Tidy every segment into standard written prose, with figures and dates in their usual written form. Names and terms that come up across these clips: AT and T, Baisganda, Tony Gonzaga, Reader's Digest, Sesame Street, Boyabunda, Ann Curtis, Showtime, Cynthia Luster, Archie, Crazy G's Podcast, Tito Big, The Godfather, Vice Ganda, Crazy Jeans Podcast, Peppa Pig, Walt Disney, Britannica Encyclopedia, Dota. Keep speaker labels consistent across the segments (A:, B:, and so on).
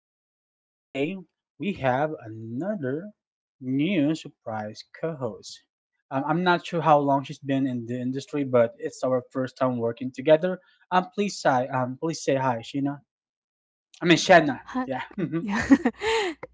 A: Podcast, and today we have another new surprise co host. I'm not sure how long she's been in the industry, but it's our first time working together. Please say hi, Sheena. I mean, Shanna.
B: Hi.
A: Yeah.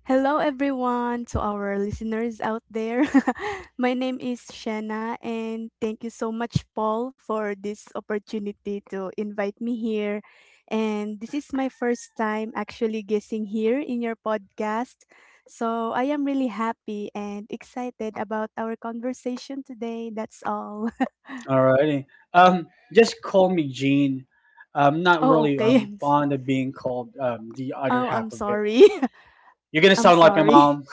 B: Hello, everyone, to our listeners out there. My name is Shanna, and thank you so much, Paul, for this opportunity to invite me here. And this is my first time actually guessing here in your podcast. So I am really happy and excited about our conversation today. That's all.
A: Alrighty. Just call me Jean. I'm not
B: Oh,
A: really
B: okay.
A: fond of being called the other
B: Oh, I'm
A: half of it.
B: sorry.
A: You're gonna
B: I'm
A: sound like my
B: sorry.
A: mom.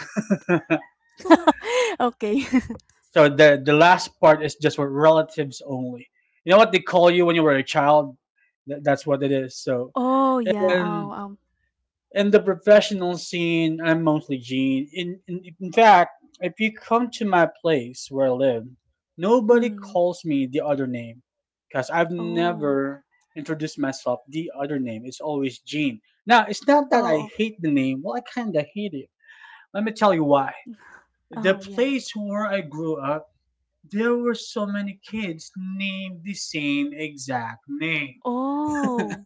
B: Okay.
A: So the last part is just for relatives only. You know what they call you when you were a child? That's what it is. So
B: Oh, yeah. Oh,
A: and in the professional scene, I'm mostly Gene. In fact, if you come to my place where I live, nobody
B: Mm.
A: calls me the other name, because I've
B: Oh.
A: never introduced myself the other name. It's always Gene. Now it's not that I
B: Oh,
A: hate the name. Well, I kinda hate it. Let me tell you why: the
B: oh, yeah.
A: place where I grew up, there were so many kids named the same exact name.
B: Oh.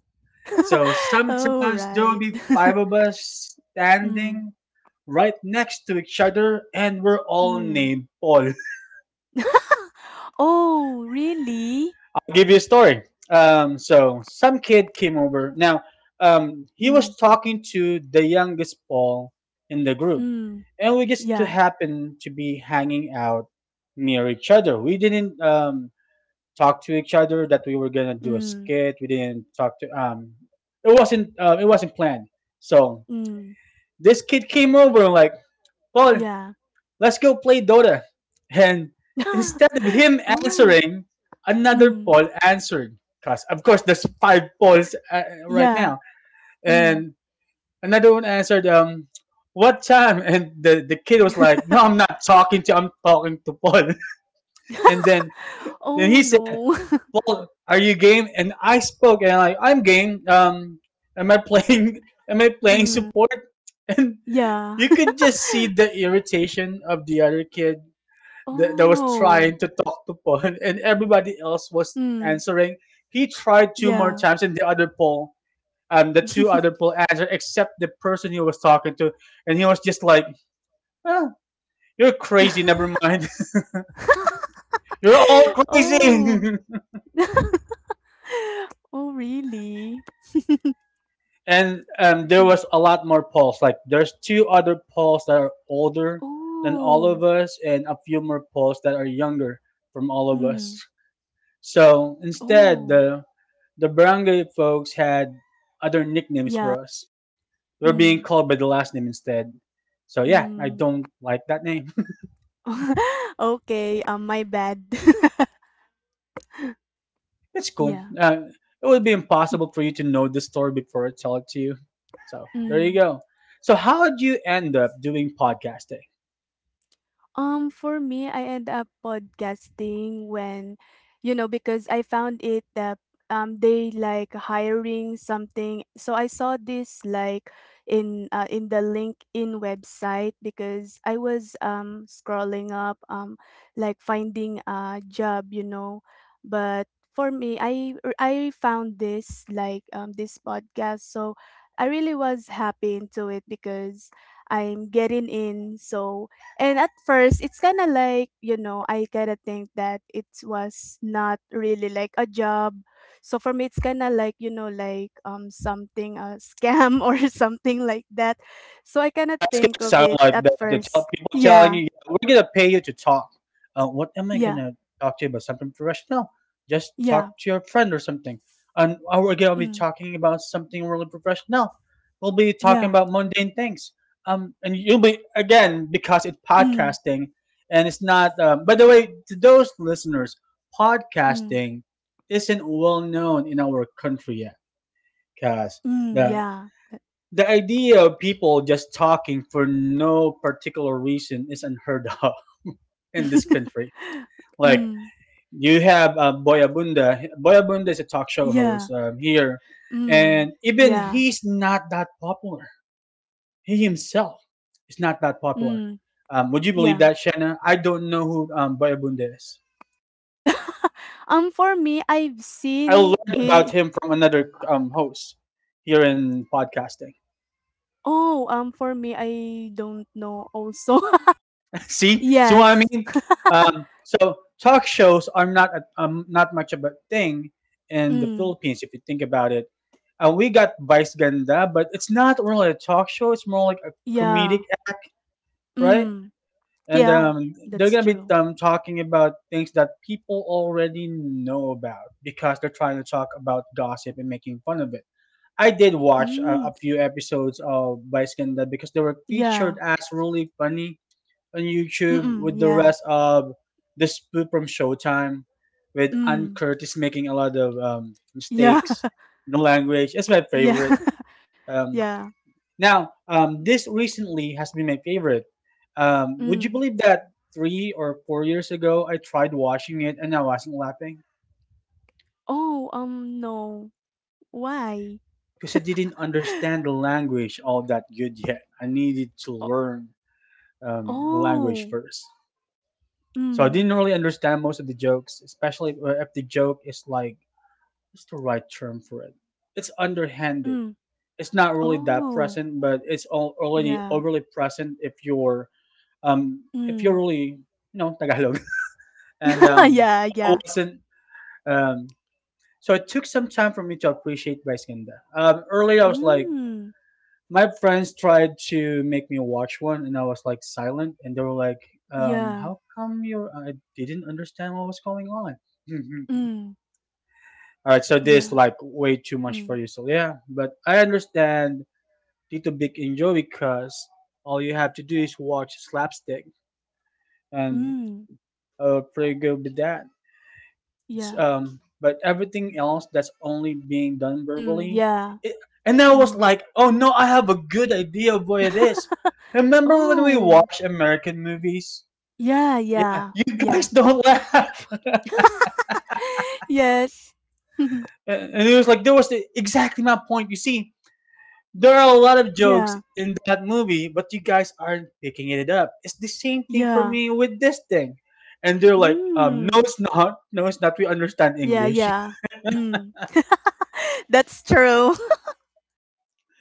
A: So
B: All
A: sometimes there would
B: right.
A: be five of us
B: Mm,
A: standing right next to each other, and we're all
B: mm.
A: named Paul. I'll
B: Oh, really?
A: give you a story. So some kid came over. He
B: Mm,
A: was talking to the youngest Paul in the group,
B: mm.
A: and we just to
B: Yeah.
A: happen to be hanging out near each other. We didn't talk to each other that we were gonna do a
B: Mm,
A: skit. We didn't talk to. It wasn't planned. So
B: mm.
A: this kid came over and like, well,
B: Yeah.
A: let's go play Dota. And instead of him
B: Oh.
A: answering, another
B: Mm.
A: Paul answered. Cause of course there's five Pauls right
B: Yeah.
A: now,
B: Mm.
A: and another one answered, what time? And the kid was like, no, I'm not talking to. I'm talking to Paul. And then
B: Oh,
A: he said,
B: no.
A: well, are you game? And I spoke and like I'm game. Am I playing? Am I playing
B: Mm.
A: support? And
B: Yeah.
A: you could just see the irritation of the other kid that, that was trying
B: Oh.
A: to talk to Paul, and everybody else was
B: Mm.
A: answering. He tried two more
B: Yeah.
A: times, and the other Paul, the two other Paul answered, except the person he was talking to, and he was just like, "Ah, you're crazy. Never mind. You're all crazy."
B: Oh. Oh, really?
A: and There
B: Mm.
A: was a lot more polls. Like there's two other polls that are older than all
B: Oh,
A: of us, and a few more polls that are younger from all of us.
B: mm,
A: So instead,
B: oh,
A: the barangay folks had other nicknames
B: yeah,
A: for us. We were being
B: mm,
A: called by the last name instead. So yeah, I
B: mm.
A: don't like that name.
B: Okay, my bad.
A: It's cool.
B: Yeah.
A: It would be impossible for you to know the story before I tell it to you. So there you
B: Mm.
A: go. So how do you end up doing podcasting?
B: For me, I end up podcasting when, you know, because I found it that they like hiring something. So I saw this like in the LinkedIn website because I was scrolling up like finding a job, you know. But for me, I found this like this podcast. So I really was happy into it because I'm getting in. So and at first, it's kind of like, you know, I kind of think that it was not really like a job. So for me, it's kind of like, you know, like something, a scam or something like that. So I kind of
A: Yeah, it's
B: think
A: gonna
B: of
A: sound
B: it
A: like
B: at
A: that. The tell
B: first.
A: people telling
B: Yeah,
A: you, "Yeah, we're gonna pay you to talk. What am I
B: yeah,
A: gonna talk to you about? Something professional? Just
B: yeah,
A: talk to your friend or something. And we're gonna be
B: mm,
A: talking about something really professional. We'll be talking
B: yeah,
A: about mundane things. And you'll be again because it's
B: mm,
A: podcasting, and it's not. By the way, to those listeners,
B: mm,
A: podcasting isn't well known in our country yet, guys.
B: mm, yeah.
A: The idea of people just talking for no particular reason is unheard of in this country. Like
B: Mm,
A: you have Boyabunda. Boyabunda is a talk show
B: yeah,
A: host here,
B: mm,
A: and even
B: yeah,
A: he's not that popular. He himself is not that popular.
B: mm,
A: Would you believe
B: yeah.
A: that, Shanna? I don't know who Boyabunda is.
B: For me, I've
A: I
B: seen
A: learned about
B: he
A: him from another host here in podcasting.
B: Oh, for me, I don't know also.
A: See, see what I
B: Yes.
A: mean? So talk shows are not a, not much of a thing in the
B: Mm.
A: Philippines if you think about it. We got Vice Ganda, but it's not really a talk show. It's more like a
B: Yeah.
A: comedic act, right?
B: Mm.
A: And
B: Yeah, that's
A: they're
B: true.
A: gonna be Talking about things that people already know about because they're trying to talk about gossip and making fun of it. I did watch
B: Mm.
A: a few episodes of Vice Ganda because they were
B: Yeah.
A: featured as really funny on YouTube
B: Mm-mm.
A: with the
B: Yeah.
A: rest of the spoof from Showtime, with Ann
B: Mm.
A: Curtis making a lot of
B: Yeah.
A: mistakes in the language. It's my
B: Yeah.
A: favorite. Um,
B: Yeah.
A: this recently has been my favorite. Would you
B: Mm.
A: believe that 3 or 4 years ago I tried watching it and I wasn't laughing?
B: Oh, no. Why?
A: Because I didn't understand the language all that good yet. I needed to
B: O-
A: learn the language
B: Oh.
A: first. So I
B: Mm.
A: didn't really understand most of the jokes, especially if the joke is like, what's the right term for it? It's underhanded.
B: Mm.
A: It's not really that
B: Oh.
A: present, but it's all already
B: Yeah.
A: overly present if you're
B: Mm.
A: really you know Tagalog. And
B: Yeah,
A: I
B: yeah.
A: wasn't um. So it took some time for me to appreciate Baisganda. Earlier I was like,
B: Mm.
A: my friends tried to make me watch one, and I was like silent, and they were like,
B: Yeah.
A: "How come you're?" I didn't understand what was going on.
B: Mm.
A: All right, so this
B: Yeah.
A: like way too much for
B: Mm.
A: you. So yeah, but I understand Tito Big enjoy because all you have to do is watch slapstick, and
B: Mm.
A: pretty good with that.
B: Yeah.
A: But everything else that's only being done
B: Mm.
A: verbally,
B: Yeah.
A: it, and I was
B: Mm.
A: like, oh no, I have a good idea of what it is. Remember when we
B: Oh,
A: watch American movies?
B: yeah,
A: Yeah,
B: yeah,
A: you guys
B: yeah.
A: don't laugh.
B: Yes.
A: And it was like there was the, exactly my point. You see, there are a lot of jokes
B: Yeah.
A: in that movie, but you guys aren't picking it up. It's the same thing for
B: Yeah.
A: me with this thing. And they're like, no,
B: Mm.
A: it's not. No, it's not. We understand
B: Yeah,
A: English.
B: yeah. Mm. That's true.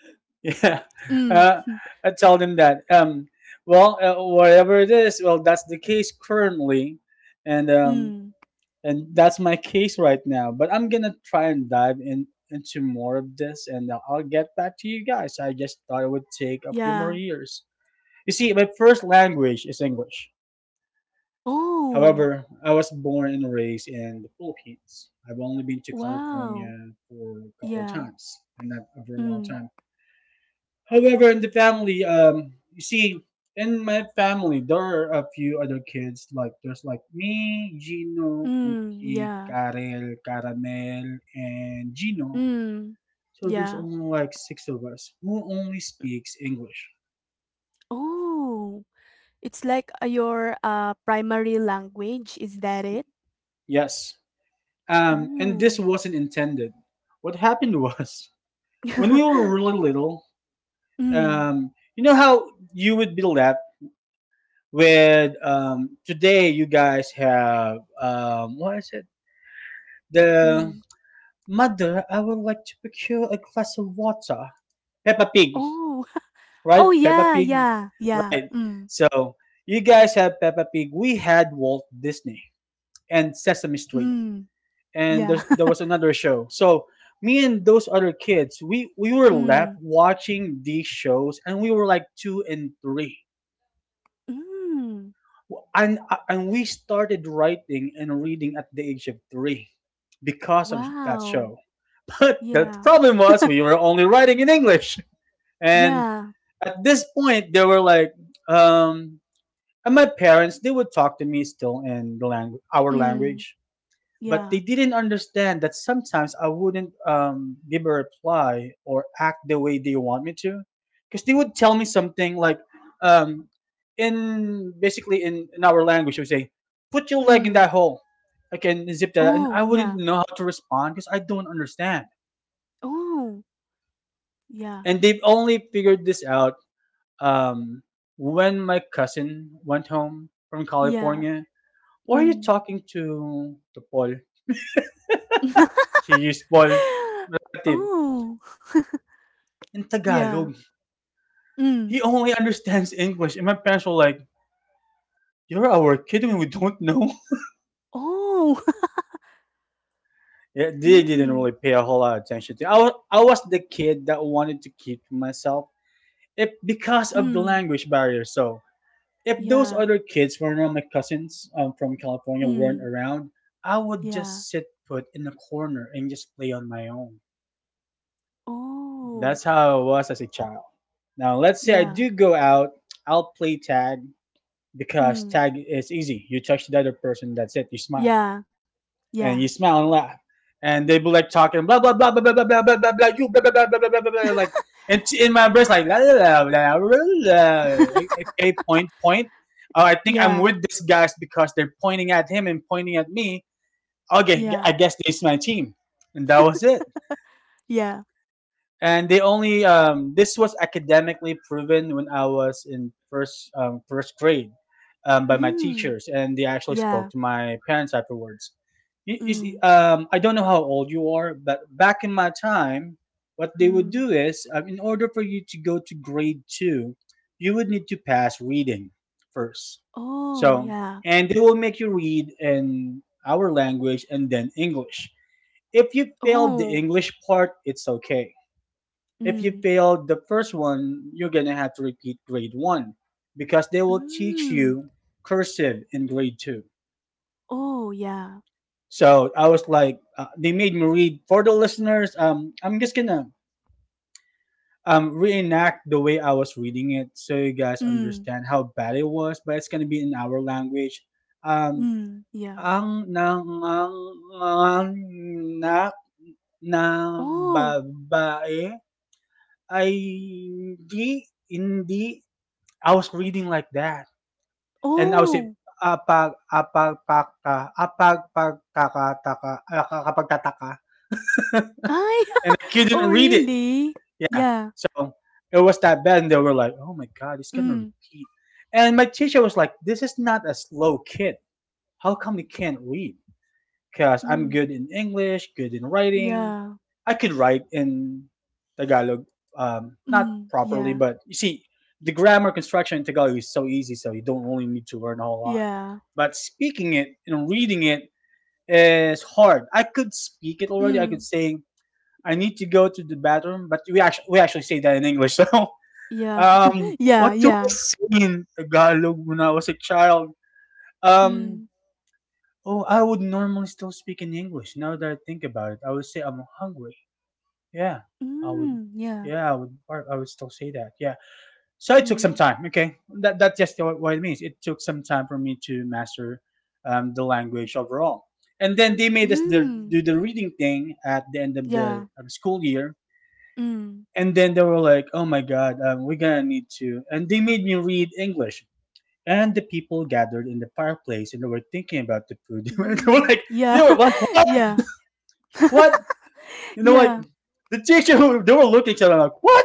A: Yeah.
B: Mm.
A: Uh, I tell them that. Whatever it is, well, that's the case currently. And, um,
B: Mm.
A: and that's my case right now. But I'm going to try and dive in into more of this and I'll get back to you guys. I just thought it would take a few more
B: Yeah.
A: years. You see, my first language is English.
B: Oh,
A: However, I was born and raised in the Philippines. I've only been to
B: wow.
A: California for a couple of
B: Yeah.
A: times, and not a very long
B: Mm.
A: time. However, in the family, you see, in my family, there are a few other kids. Like there's like me, Gino,
B: Mm.
A: Cookie,
B: Yeah.
A: Karel, Caramel, and Gino.
B: Mm.
A: So there's
B: Yeah.
A: only like six of us who only speaks English.
B: Oh, it's like your primary language. Is that it?
A: Yes. And this
B: Mm.
A: wasn't intended. What happened was when we were really little,
B: Mm.
A: you know how you would build left with today you guys have what is it, the
B: Mm.
A: mother I would like to procure a glass of water, Peppa Pig,
B: Oh,
A: right?
B: oh,
A: Peppa
B: yeah,
A: Pig,
B: yeah, yeah.
A: right?
B: Mm,
A: So you guys have Peppa Pig. We had Walt Disney and Sesame Street,
B: mm,
A: and
B: yeah.
A: there's, there was another show. So me and those other kids, we were left
B: Mm,
A: watching these shows and we were like two and three,
B: mm.
A: and and we started writing and reading at the age of three because of that
B: Wow.
A: show. But the
B: Yeah,
A: problem was we were only writing in English, and
B: yeah.
A: at this point they were like, um, and my parents they would talk to me still in the our
B: Mm,
A: language, but they
B: yeah.
A: didn't understand that sometimes I wouldn't give a reply or act the way they want me to, because they would tell me something like, um, in basically in our language, we say, "Put your leg in
B: Mm.
A: that hole. I can zip that," and
B: Oh,
A: I wouldn't
B: yeah.
A: know how to respond because I don't understand.
B: Oh, yeah,
A: And they've only figured this out um, when my cousin went home from
B: yeah.
A: California. Why are you
B: Mm.
A: talking to Paul? She used Paul relative
B: Oh.
A: in
B: Yeah.
A: Tagalog.
B: Mm.
A: He only understands English. And my parents were like, you're our kid and we don't know.
B: Oh.
A: Yeah, they didn't
B: Mm,
A: really pay a whole lot of attention to it. I was the kid that wanted to keep to myself if because of the
B: mm.
A: language barrier. So if those
B: Yeah.
A: other kids were not my cousins from California weren't
B: Mm.
A: around, I would
B: Yeah.
A: just sit put in the corner and just play on my own.
B: Oh.
A: That's how I was as a child. Now let's say I
B: Yeah.
A: do go out, I'll play tag because
B: Mm.
A: tag is easy. You touch the other person, that's it.
B: Yeah. Yeah.
A: You smile and laugh, and they be like talking blah blah blah blah blah blah blah blah blah blah you blah blah blah blah blah blah blah like, and in my brain like la la la la la la. Okay, point point. Oh, I think I'm
B: Yeah.
A: with these guys because they're pointing at him and pointing at me. Okay,
B: Yeah.
A: I guess this is my team, and that was it.
B: Yeah.
A: And they only this was academically proven when I was in first first grade by my
B: Mm.
A: teachers, and they actually spoke
B: Yeah.
A: to my parents afterwards. You see,
B: Mm.
A: I don't know how old you are, but back in my time, what they would
B: Mm.
A: do is, in order for you to go to grade two, you would need to pass reading first.
B: Oh,
A: So,
B: yeah.
A: and they will make you read in our language and then English. If you failed the
B: Oh.
A: English part, it's okay if you
B: Mm.
A: failed the first one, you're going to have to repeat grade one because they will teach
B: Mm.
A: you cursive in grade two.
B: Oh, yeah.
A: So I was like, they made me read for the listeners. I'm just gonna reenact the way I was reading it so you guys
B: Mm.
A: understand how bad it was, but it's gonna be in our language. Um,
B: Mm. Yeah.
A: ang nang ang anak na
B: Oh.
A: babae ay hindi hindi. I was reading like that. And also
B: Oh.
A: apag apag paka apag pag, taka, pagkakataka kapagtataka
B: I.
A: and I couldn't
B: Oh,
A: read it.
B: really?
A: Yeah,
B: Yeah.
A: so it was that bad, and they were like, "Oh my god, he's gonna
B: Mm.
A: repeat." And my teacher was like, "This is not a slow kid. How come he can't read? Cause I'm
B: Mm.
A: good in English, good in writing.
B: Yeah.
A: I could write in Tagalog, not
B: Mm.
A: properly,
B: Yeah.
A: but you see, the grammar construction in Tagalog is so easy, so you don't really need to learn a whole lot."
B: Yeah.
A: But speaking it and reading it is hard. I could speak it already. I
B: Mm.
A: could say I need to go to the bathroom, but we actually say that in English. So,
B: Yeah. Yeah.
A: what do I
B: Yeah.
A: say in Tagalog when I was a child? Um,
B: Mm.
A: oh, I would normally still speak in English. Now that I think about it, I would say I'm hungry. Yeah, I would.
B: Mm. Yeah.
A: Yeah, I would. I would still say that. Yeah. So it took some
B: Mm.
A: time. Okay, that's just what, it means. It took some time for me to master the language overall. And then they made us the,
B: Mm.
A: do the reading thing at the end of
B: Yeah.
A: the school year.
B: Mm.
A: And then they were like, "Oh my God, we're gonna need to." And they made me read English. And the people gathered in the fireplace, and they were thinking about the food. They were
B: Mm.
A: like, "They
B: Yeah.
A: were like, what?
B: Yeah.
A: What? You know, like
B: Yeah,
A: the teacher who they were looking at each other like, what?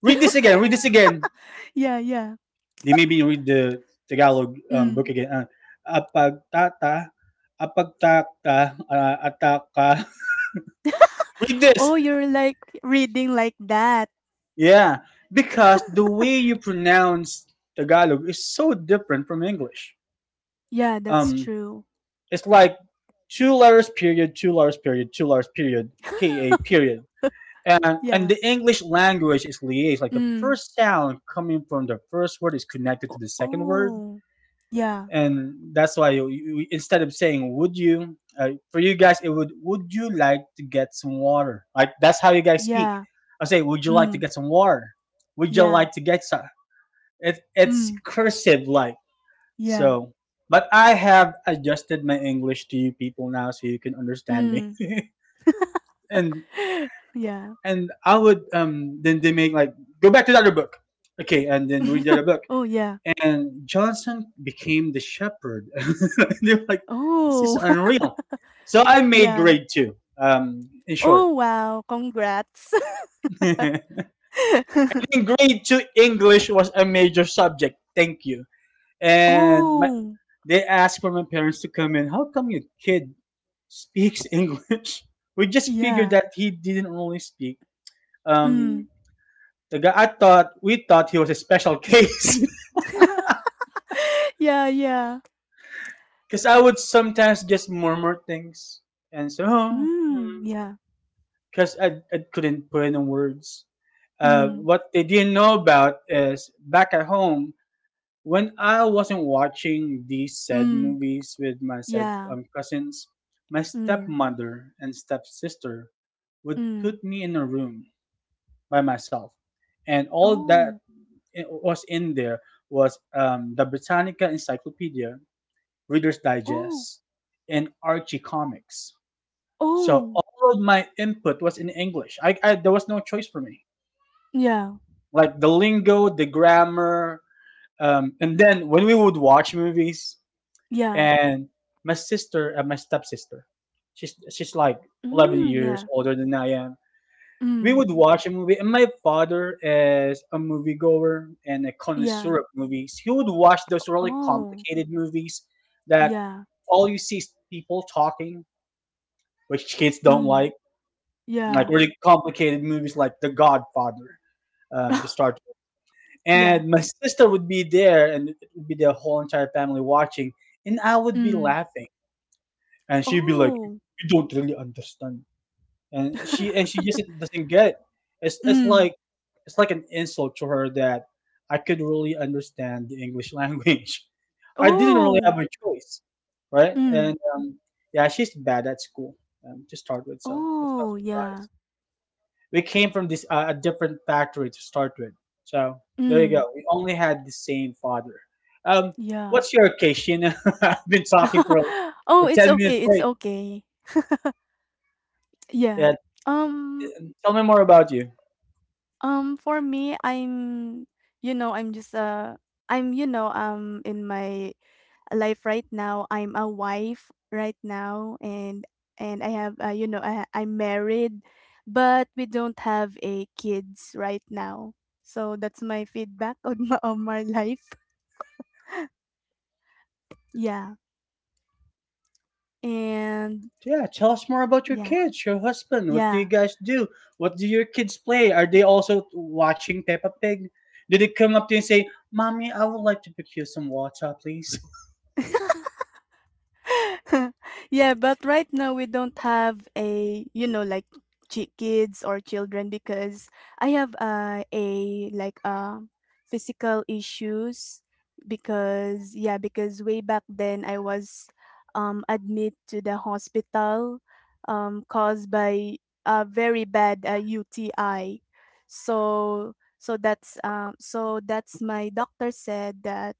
A: Read this again. Read this again."
B: yeah, yeah.
A: They made me read the Tagalog book
B: Mm.
A: again. Apagtata, apagtata, ataka. Read this.
B: Oh, you're like reading like that.
A: Yeah, because the way you pronounce Tagalog is so different from English.
B: Yeah, that's
A: Um,
B: true.
A: it's like two letters period, two letters period, two letters period, K A period. And
B: Yeah.
A: the English language is liaised. Like the
B: Mm.
A: first sound coming from the first word is connected to the second word.
B: Oh. Yeah.
A: And that's why you instead of saying would you for you guys it would you like to get some water like that's how you guys speak.
B: Yeah.
A: I say would you like to
B: Mm.
A: get some water, would you
B: Yeah.
A: like to get some, it's
B: Mm.
A: cursive like.
B: Yeah.
A: So but I have adjusted my English to you people now so you can understand me.
B: Mm.
A: And
B: Yeah.
A: and I would then they make like go back to the other book. Okay, and then read the other book,
B: Oh, yeah.
A: and Johnson became the shepherd. And they're like, this is
B: Oh.
A: unreal. So I made
B: Yeah.
A: grade two. In short,
B: Oh, wow. Congrats.
A: in grade two, English was a major subject. Thank you. And my,
B: Oh.
A: they asked for my parents to come in. How come your kid speaks English? We just figured
B: Yeah.
A: that he didn't really speak.
B: Mm.
A: Um, the guy, I thought we thought he was a special case.
B: Yeah, yeah.
A: Because I would sometimes just murmur things and so. Oh,
B: Mm. Yeah.
A: because I couldn't put it in words.
B: Mm.
A: What they didn't know about is back at home when I wasn't watching these sad
B: Mm.
A: movies with my sad
B: Yeah.
A: cousins, my
B: Mm.
A: stepmother and stepsister would
B: Mm.
A: put me in a room by myself, and all
B: Oh.
A: that was in there was the Britannica Encyclopedia, Reader's
B: Oh,
A: Digest, and Archie comics. So
B: oh,
A: all of my input was in English. I there was no choice for me.
B: yeah,
A: Like the lingo, the grammar, and then when we would watch movies,
B: yeah,
A: and my sister, my stepsister, she's like eleven
B: mm,
A: years
B: yeah,
A: older than I am. We
B: mm,
A: would watch a movie, and my father is a moviegoer and a connoisseur
B: yeah,
A: of movies. He would watch those really
B: oh,
A: complicated movies that
B: yeah,
A: all you see is people talking, which kids don't
B: mm,
A: like
B: yeah,
A: really complicated movies like The Godfather, to start with.
B: yeah,
A: And my sister would be there, and it would be the whole entire family watching, and I would be
B: mm,
A: laughing, and she'd be like,
B: oh,
A: "You don't really understand," and she and she just doesn't get it. It's
B: mm,
A: like it's like an insult to her that I could really understand the English language. I didn't really
B: oh,
A: have a choice, right?
B: mm,
A: And yeah, she's bad at school, to start with, so that's not a
B: oh, yeah,
A: surprise. We came from this a different factory to start with. So there you
B: mm,
A: go. We only had the same father. Um,
B: yeah.
A: what's your case? You I've been talking for
B: Oh, it's
A: ten
B: okay,
A: minutes
B: it's
A: straight.
B: okay. Yeah.
A: Yeah,
B: Um,
A: tell me more about you.
B: for me, you know, I'm just, uh, in my life right now. I'm a wife right now, and I have you know I'm married, but we don't have a kids right now. So that's my feedback on my life. Yeah, and
A: Yeah, tell us more about your
B: yeah,
A: kids, your husband. What do you
B: yeah.
A: guys do? What do your kids play? Are they also watching Peppa Pig? Did they come up to you and say, "Mommy, I would like to pick you some water, please"?
B: Yeah, but right now we don't have a, you know, like kids or children because I have a like physical issues because yeah, because way back then I was admit to the hospital caused by a very bad UTI. So that's so that's my doctor said that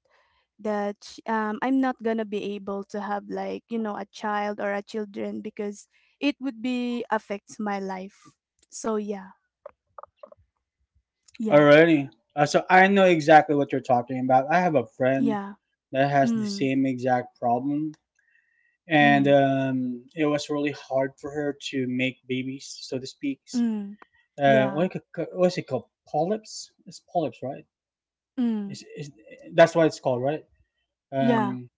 B: I'm not gonna be able to have like you know a child or a children because it would be affects my life. So yeah, yeah,
A: Alrighty. So I know exactly what you're talking about. I have a friend
B: yeah,
A: that has the
B: mm,
A: same exact problem, and
B: mm,
A: it was really hard for her to make babies, so to speak.
B: mm,
A: Uh,
B: yeah,
A: what c- what's it called? Polyps? It's polyps, right?
B: mm,
A: Is that's what it's called, right?
B: yeah,
A: Um,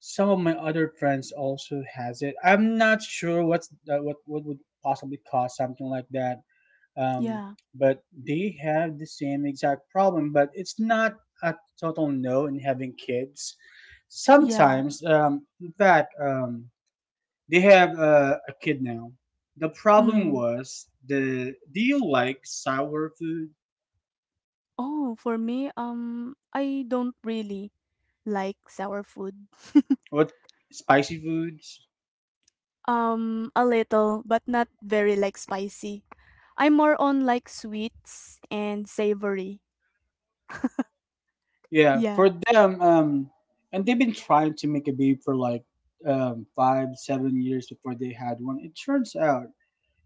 A: some of my other friends also has it. I'm not sure what's what would possibly cause something like that, um,
B: yeah,
A: but they have the same exact problem but it's not a total no in having kids
B: yeah,
A: sometimes, in fact, they have a kid now. The problem
B: mm.
A: was the do you like sour food,
B: Oh, for me, I don't really like sour food.
A: what spicy foods.
B: A little, but not very like spicy. I'm more on like sweets and savory.
A: Yeah,
B: Yeah.
A: for them, and they've been trying to make a baby for like 5 7 years before they had one. It turns out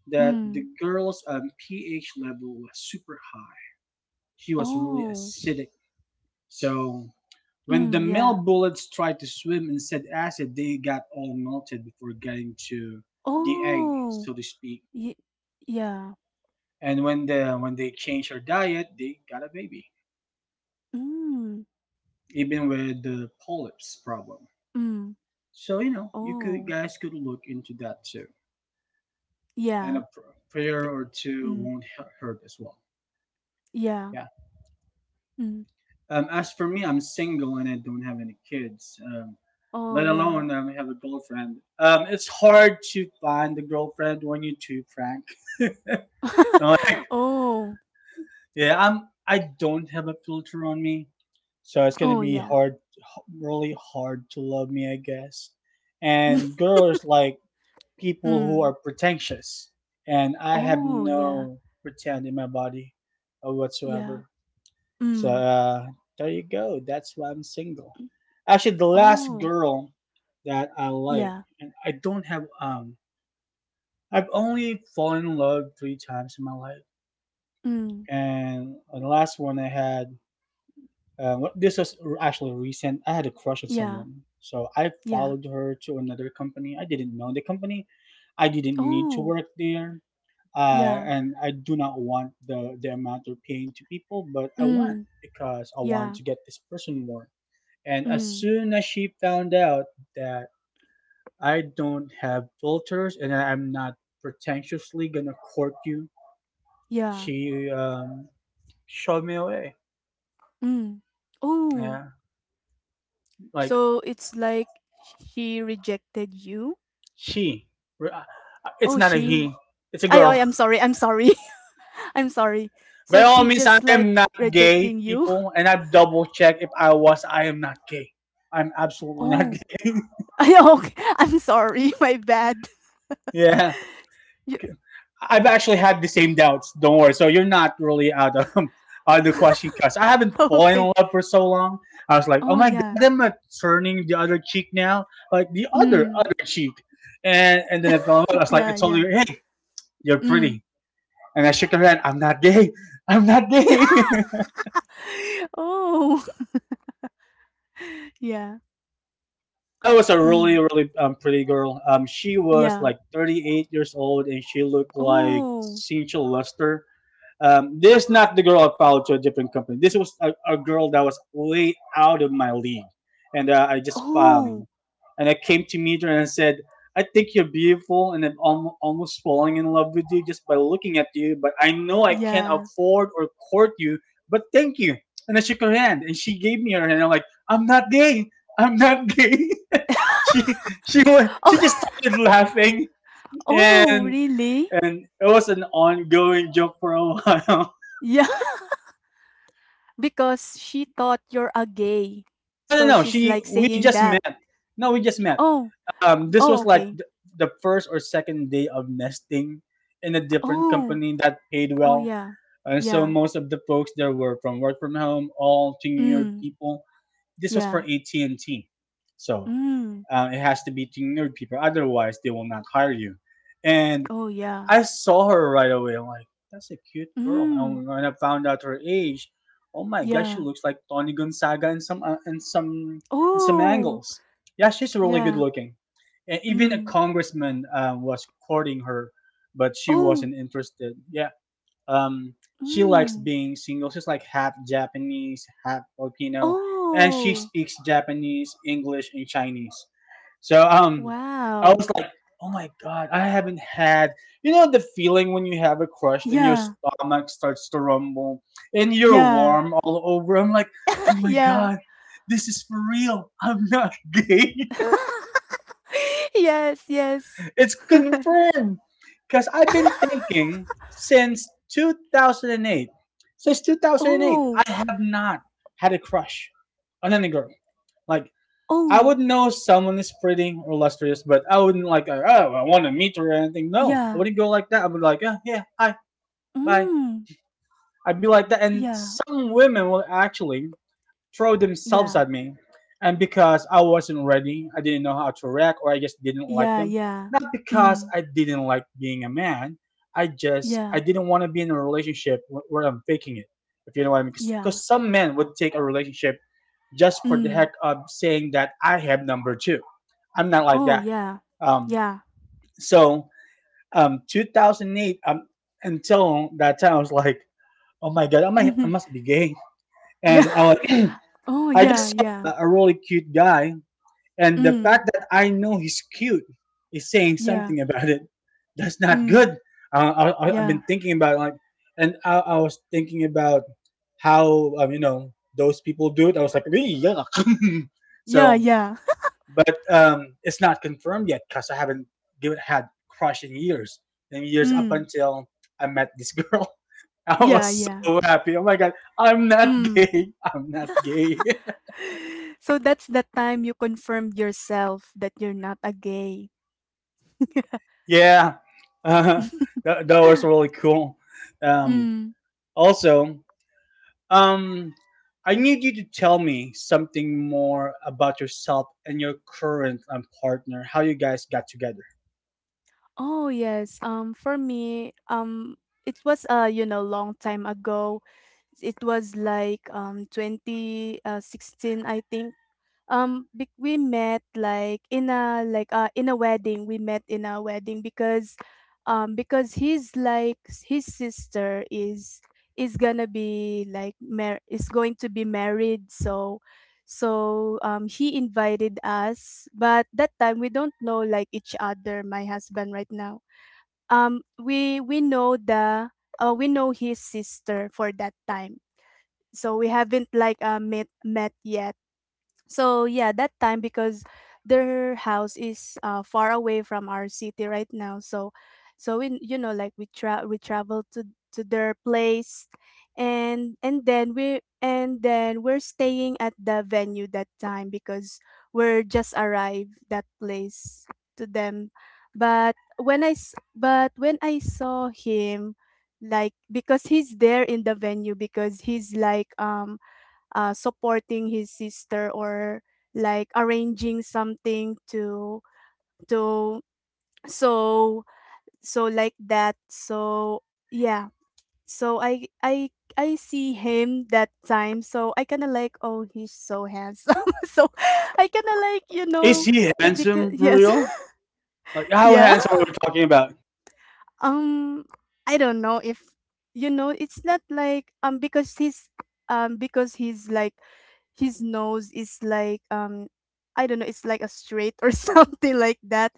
A: that the
B: Mm.
A: girl's ph level was super high. She was really
B: Oh,
A: acidic. So when the
B: mm,
A: male
B: yeah.
A: bullets tried to swim in said acid, they got all melted before getting to the egg,
B: Oh,
A: so to speak.
B: ye yeah.
A: And when they changed her diet, they got a baby,
B: Mm,
A: even with the polyps problem.
B: mm,
A: So you know, you could
B: oh,
A: guys could look into that too, and
B: yeah.
A: a prayer or two
B: Mm,
A: won't hurt as well.
B: yeah.
A: Yeah,
B: Mm,
A: As for me, I'm single and I don't have any kids,
B: oh,
A: let
B: yeah.
A: alone have a girlfriend. It's hard to find a girlfriend when you're too frank. Like,
B: Oh,
A: I don't have a filter on me, so it's gonna
B: oh,
A: be
B: yeah.
A: hard, really hard to love me, I guess. And girls like people who
B: Mm,
A: are pretentious, and I have
B: oh, yeah.
A: no pretend in my body,
B: Yeah.
A: whatsoever. So
B: Mm,
A: there you go. That's why I'm single.
B: mm,
A: Actually, the last
B: oh,
A: girl that I like,
B: yeah.
A: and I don't have I've only fallen in love three times in my life,
B: Mm,
A: and the last one I had. This was actually recent. I had a crush on
B: yeah.
A: someone, so I
B: Yeah.
A: followed her to another company. I didn't know the company. I didn't need to
B: Oh,
A: work there,
B: yeah.
A: and I do not want the amount they're paying to people, but I want
B: Mm,
A: because I want
B: yeah.
A: to get this person more. And as
B: Mm,
A: soon as she found out that I don't have filters and I'm not pretentiously gonna court you,
B: yeah.
A: she shoved me away.
B: Mm, oh.
A: Yeah, like
B: So it's like she rejected you?
A: she. It's
B: Oh,
A: not a
B: she
A: he. It's a
B: I I
A: girl.
B: I'm sorry, I'm sorry. I'm sorry.
A: By
B: So
A: all
B: she
A: means, I
B: just like
A: am not gay,
B: rejecting you?
A: people, and I've double checked if I was. I am not gay. I'm absolutely not
B: Oh.
A: gay.
B: I. Okay. I'm sorry. My bad.
A: Yeah.
B: You,
A: I've actually had the same doubts. Don't worry. So you're not really out of out of the question because I haven't fallen in
B: okay.
A: love for so long. I was like, oh
B: Oh,
A: my
B: yeah.
A: god, am I turning the other cheek now? Like the other
B: Mm.
A: other cheek, and then I fell in love. I was like, I
B: Yeah,
A: told
B: yeah.
A: her, hey, you're
B: Mm.
A: pretty, and I shook her hand. I'm not gay. I'm not gay.
B: Oh. Yeah.
A: Yeah, it was a
B: Mm.
A: really pretty girl. She was
B: Yeah.
A: like 38 years old, and she looked like
B: Oh.
A: Cynthia Luster. This is not the girl I followed to a different company. This was a girl that was way out of my league, and I just
B: Oh.
A: and I came to meet her and I said, "I think you're beautiful, and I'm almost falling in love with you just by looking at you. But I know I can't
B: Yeah.
A: afford or court you. But thank you." And I shook her hand, and she gave me her hand. I'm like, "I'm not gay. I'm not gay." she she she just
B: Oh.
A: started laughing,
B: Oh,
A: and
B: really?
A: and it was an ongoing joke for a while.
B: Yeah. Because she thought you're a gay.
A: No, no,
B: So
A: no.
B: she's
A: She
B: like
A: we
B: saying
A: just
B: that.
A: met. No, we just met.
B: Oh.
A: This
B: Oh,
A: was like
B: okay.
A: the first or second day of nesting in a different
B: Oh,
A: company that paid
B: oh
A: well.
B: yeah.
A: And so
B: Yeah.
A: most of the folks there were from work from home, all tenured
B: Mm,
A: people. This was for
B: yeah.
A: AT&T, so
B: Mm.
A: it has to be tenured people. Otherwise, they will not hire you. And
B: Oh yeah.
A: I saw her right away. I'm like, that's a cute girl.
B: Mm.
A: And when I found out her age, oh my gosh, she
B: Yeah.
A: looks like Tony Gonzaga in some in some in some
B: Oh.
A: angles. Yeah, she's really good
B: Yeah.
A: looking. And even a
B: Mm.
A: congressman was courting her, but she
B: Oh.
A: wasn't interested. Yeah, um, she likes
B: Mm.
A: being single. She's like half Japanese, half Filipino, and she
B: Oh.
A: speaks Japanese, English, and Chinese. So I was
B: Wow.
A: like, oh my god, I haven't had you know the feeling when you have a crush and your
B: Yeah.
A: stomach starts to rumble and you're
B: Yeah.
A: warm all over. I'm like, oh my
B: Yeah.
A: god, this is for real. I'm not gay.
B: Yes, yes.
A: It's confirmed. Because I've been thinking since 2008. Since 2008, I
B: Oh.
A: have not had a crush on any girl. Like, I
B: Oh.
A: would know someone is pretty or lustrous, but I wouldn't like, oh, I want to meet her or anything. No, I
B: Yeah.
A: wouldn't go like that. I would like, yeah, yeah, hi, bye.
B: Mm.
A: I'd be like that. And
B: Yeah.
A: some women will actually throw themselves
B: Yeah.
A: at me. And because I wasn't ready, I didn't know how to react, or I just didn't like
B: Yeah,
A: them.
B: yeah.
A: Not because
B: Mm.
A: I didn't like being a man. I
B: Yeah.
A: didn't want to be in a relationship where I'm faking it. If you know what I mean,
B: Yeah.
A: because some men would take a relationship just for the
B: Mm.
A: heck of saying that I have number two. I'm not like
B: Oh
A: that.
B: yeah.
A: Um,
B: Yeah.
A: so 2008, until that time, I was like, oh my god, I
B: Mhm.
A: must be gay,
B: Yeah.
A: and I was
B: Oh,
A: I
B: yeah,
A: just saw
B: yeah.
A: a really cute guy, and the
B: Mm.
A: fact that I know he's cute is saying
B: Yeah.
A: something about it. That's not
B: Mm.
A: good. I've
B: Yeah.
A: been thinking about like, and I was thinking about how you know those people do it. I was like, "Ew, yuck."
B: Yeah,
A: so,
B: yeah.
A: but it's not confirmed yet because I haven't given had crush in years. And years up
B: Mm.
A: until I met this girl, I
B: Yeah,
A: was
B: yeah.
A: so happy. Oh my god, I'm not
B: Mm.
A: gay. I'm not gay.
B: So that's the time you confirmed yourself that you're not a gay.
A: Yeah, uh, that was really cool. Um,
B: Mm.
A: also, um, I need you to tell me something more about yourself and your current partner. How you guys got together?
B: Oh, yes. For me, it was you know, long time ago. It was like 2016 I think. We met like in a in a wedding. We met in a wedding because his sister is gonna be like mar- is going to be married so he invited us but that time we don't know like each other my husband right now. um we we know the we know his sister for that time. So we haven't like met yet so yeah, that time because their house is far away from our city right now. So we you know like we traveled to their place and then we and then we're staying at the venue that time because we're just arrived that place to them. But but when I saw him like because he's there in the venue because he's like supporting his sister or like arranging something to so so like that so yeah so I see him that time so I kind of like oh he's so handsome so I kind of like you
A: Is
B: know
A: he
B: it because
A: handsome for
B: yes
A: real? Like how
B: yeah.
A: handsome are we talking about?
B: Um, I don't know if you know. It's not like because he's like his nose is like I don't know. It's like a straight or something like that.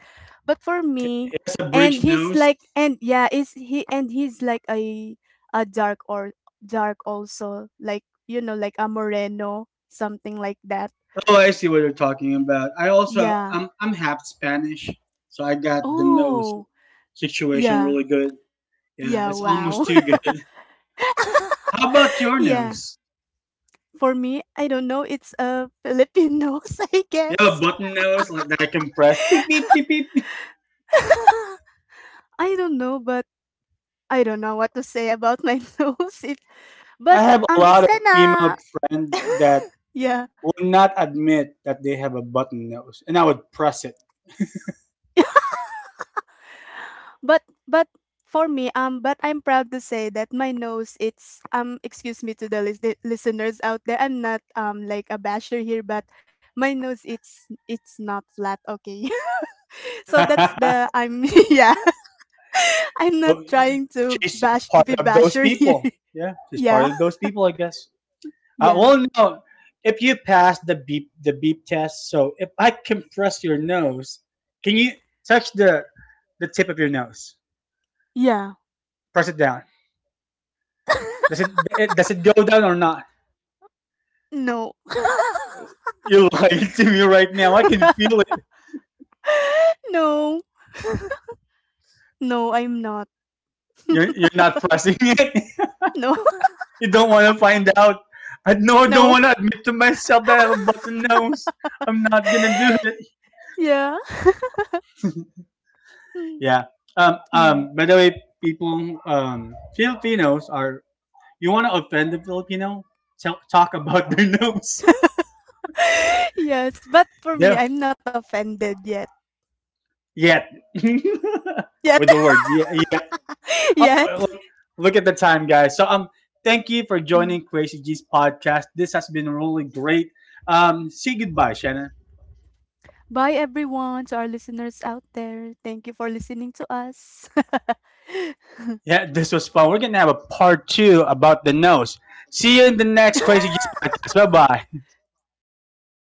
B: But for me,
A: That's a
B: and
A: bridge
B: he's
A: nose.
B: like and yeah, is he and he's like a dark or dark also like you know like a moreno something like that.
A: Oh, I see what you're talking about. I also
B: Yeah.
A: I'm half Spanish, so I got the nose
B: Oh.
A: situation
B: Yeah.
A: really good. Yeah,
B: Yeah.
A: it's almost
B: Wow.
A: too good. How about your
B: Yeah.
A: nose?
B: For me, I don't know. It's a Filipinos, I
A: You have a
B: guess.
A: button nose like that I can press. Beep beep beep beep. Beep.
B: I don't know, but I don't know what to say about my nose. It, but
A: I have a
B: it's
A: lot of
B: kinda
A: female friends that
B: yeah.
A: would not admit that they have a button nose, and I would press it.
B: But but for me, but I'm proud to say that my nose. It's excuse me to the listeners out there. I'm not like a basher here, but my nose. It's not flat. Okay, so that's the I'm yeah. I'm not
A: Oh, yeah,
B: trying to
A: she's
B: bash to
A: part
B: be
A: of those
B: basher here.
A: people. Yeah, she's part
B: Yeah.
A: of those people, I guess.
B: Yeah.
A: Well, no. If you pass the beep test, so if I compress your nose, can you touch the tip of your nose?
B: Yeah.
A: Press it down. Does it, does it go down or not?
B: No.
A: You're lying to me right now. I can feel it.
B: No. No, I'm not.
A: You're not pressing it.
B: No.
A: You don't want to find out. I know I don't
B: No.
A: want to admit to myself that I have a button nose. I'm not gonna do it.
B: Yeah. Mm.
A: Yeah.
B: Mm.
A: By the way, people, Filipinos are you want to offend the Filipino? Talk about their nose.
B: Yes, but for me,
A: Yeah,
B: I'm not offended yet.
A: yeah.
B: Yet.
A: With the words, yeah, yeah.
B: Yet.
A: Oh, look, look at the time, guys. Thank you for
B: Mm.
A: joining Crazy G's podcast. This has been really great. Say goodbye, Shannon.
B: Bye, everyone, to our listeners out there. Thank you for listening to us.
A: Yeah, this was fun. We're going to have a part two about the nose. See you in the next Crazy G's podcast. Bye bye.
B: Bye.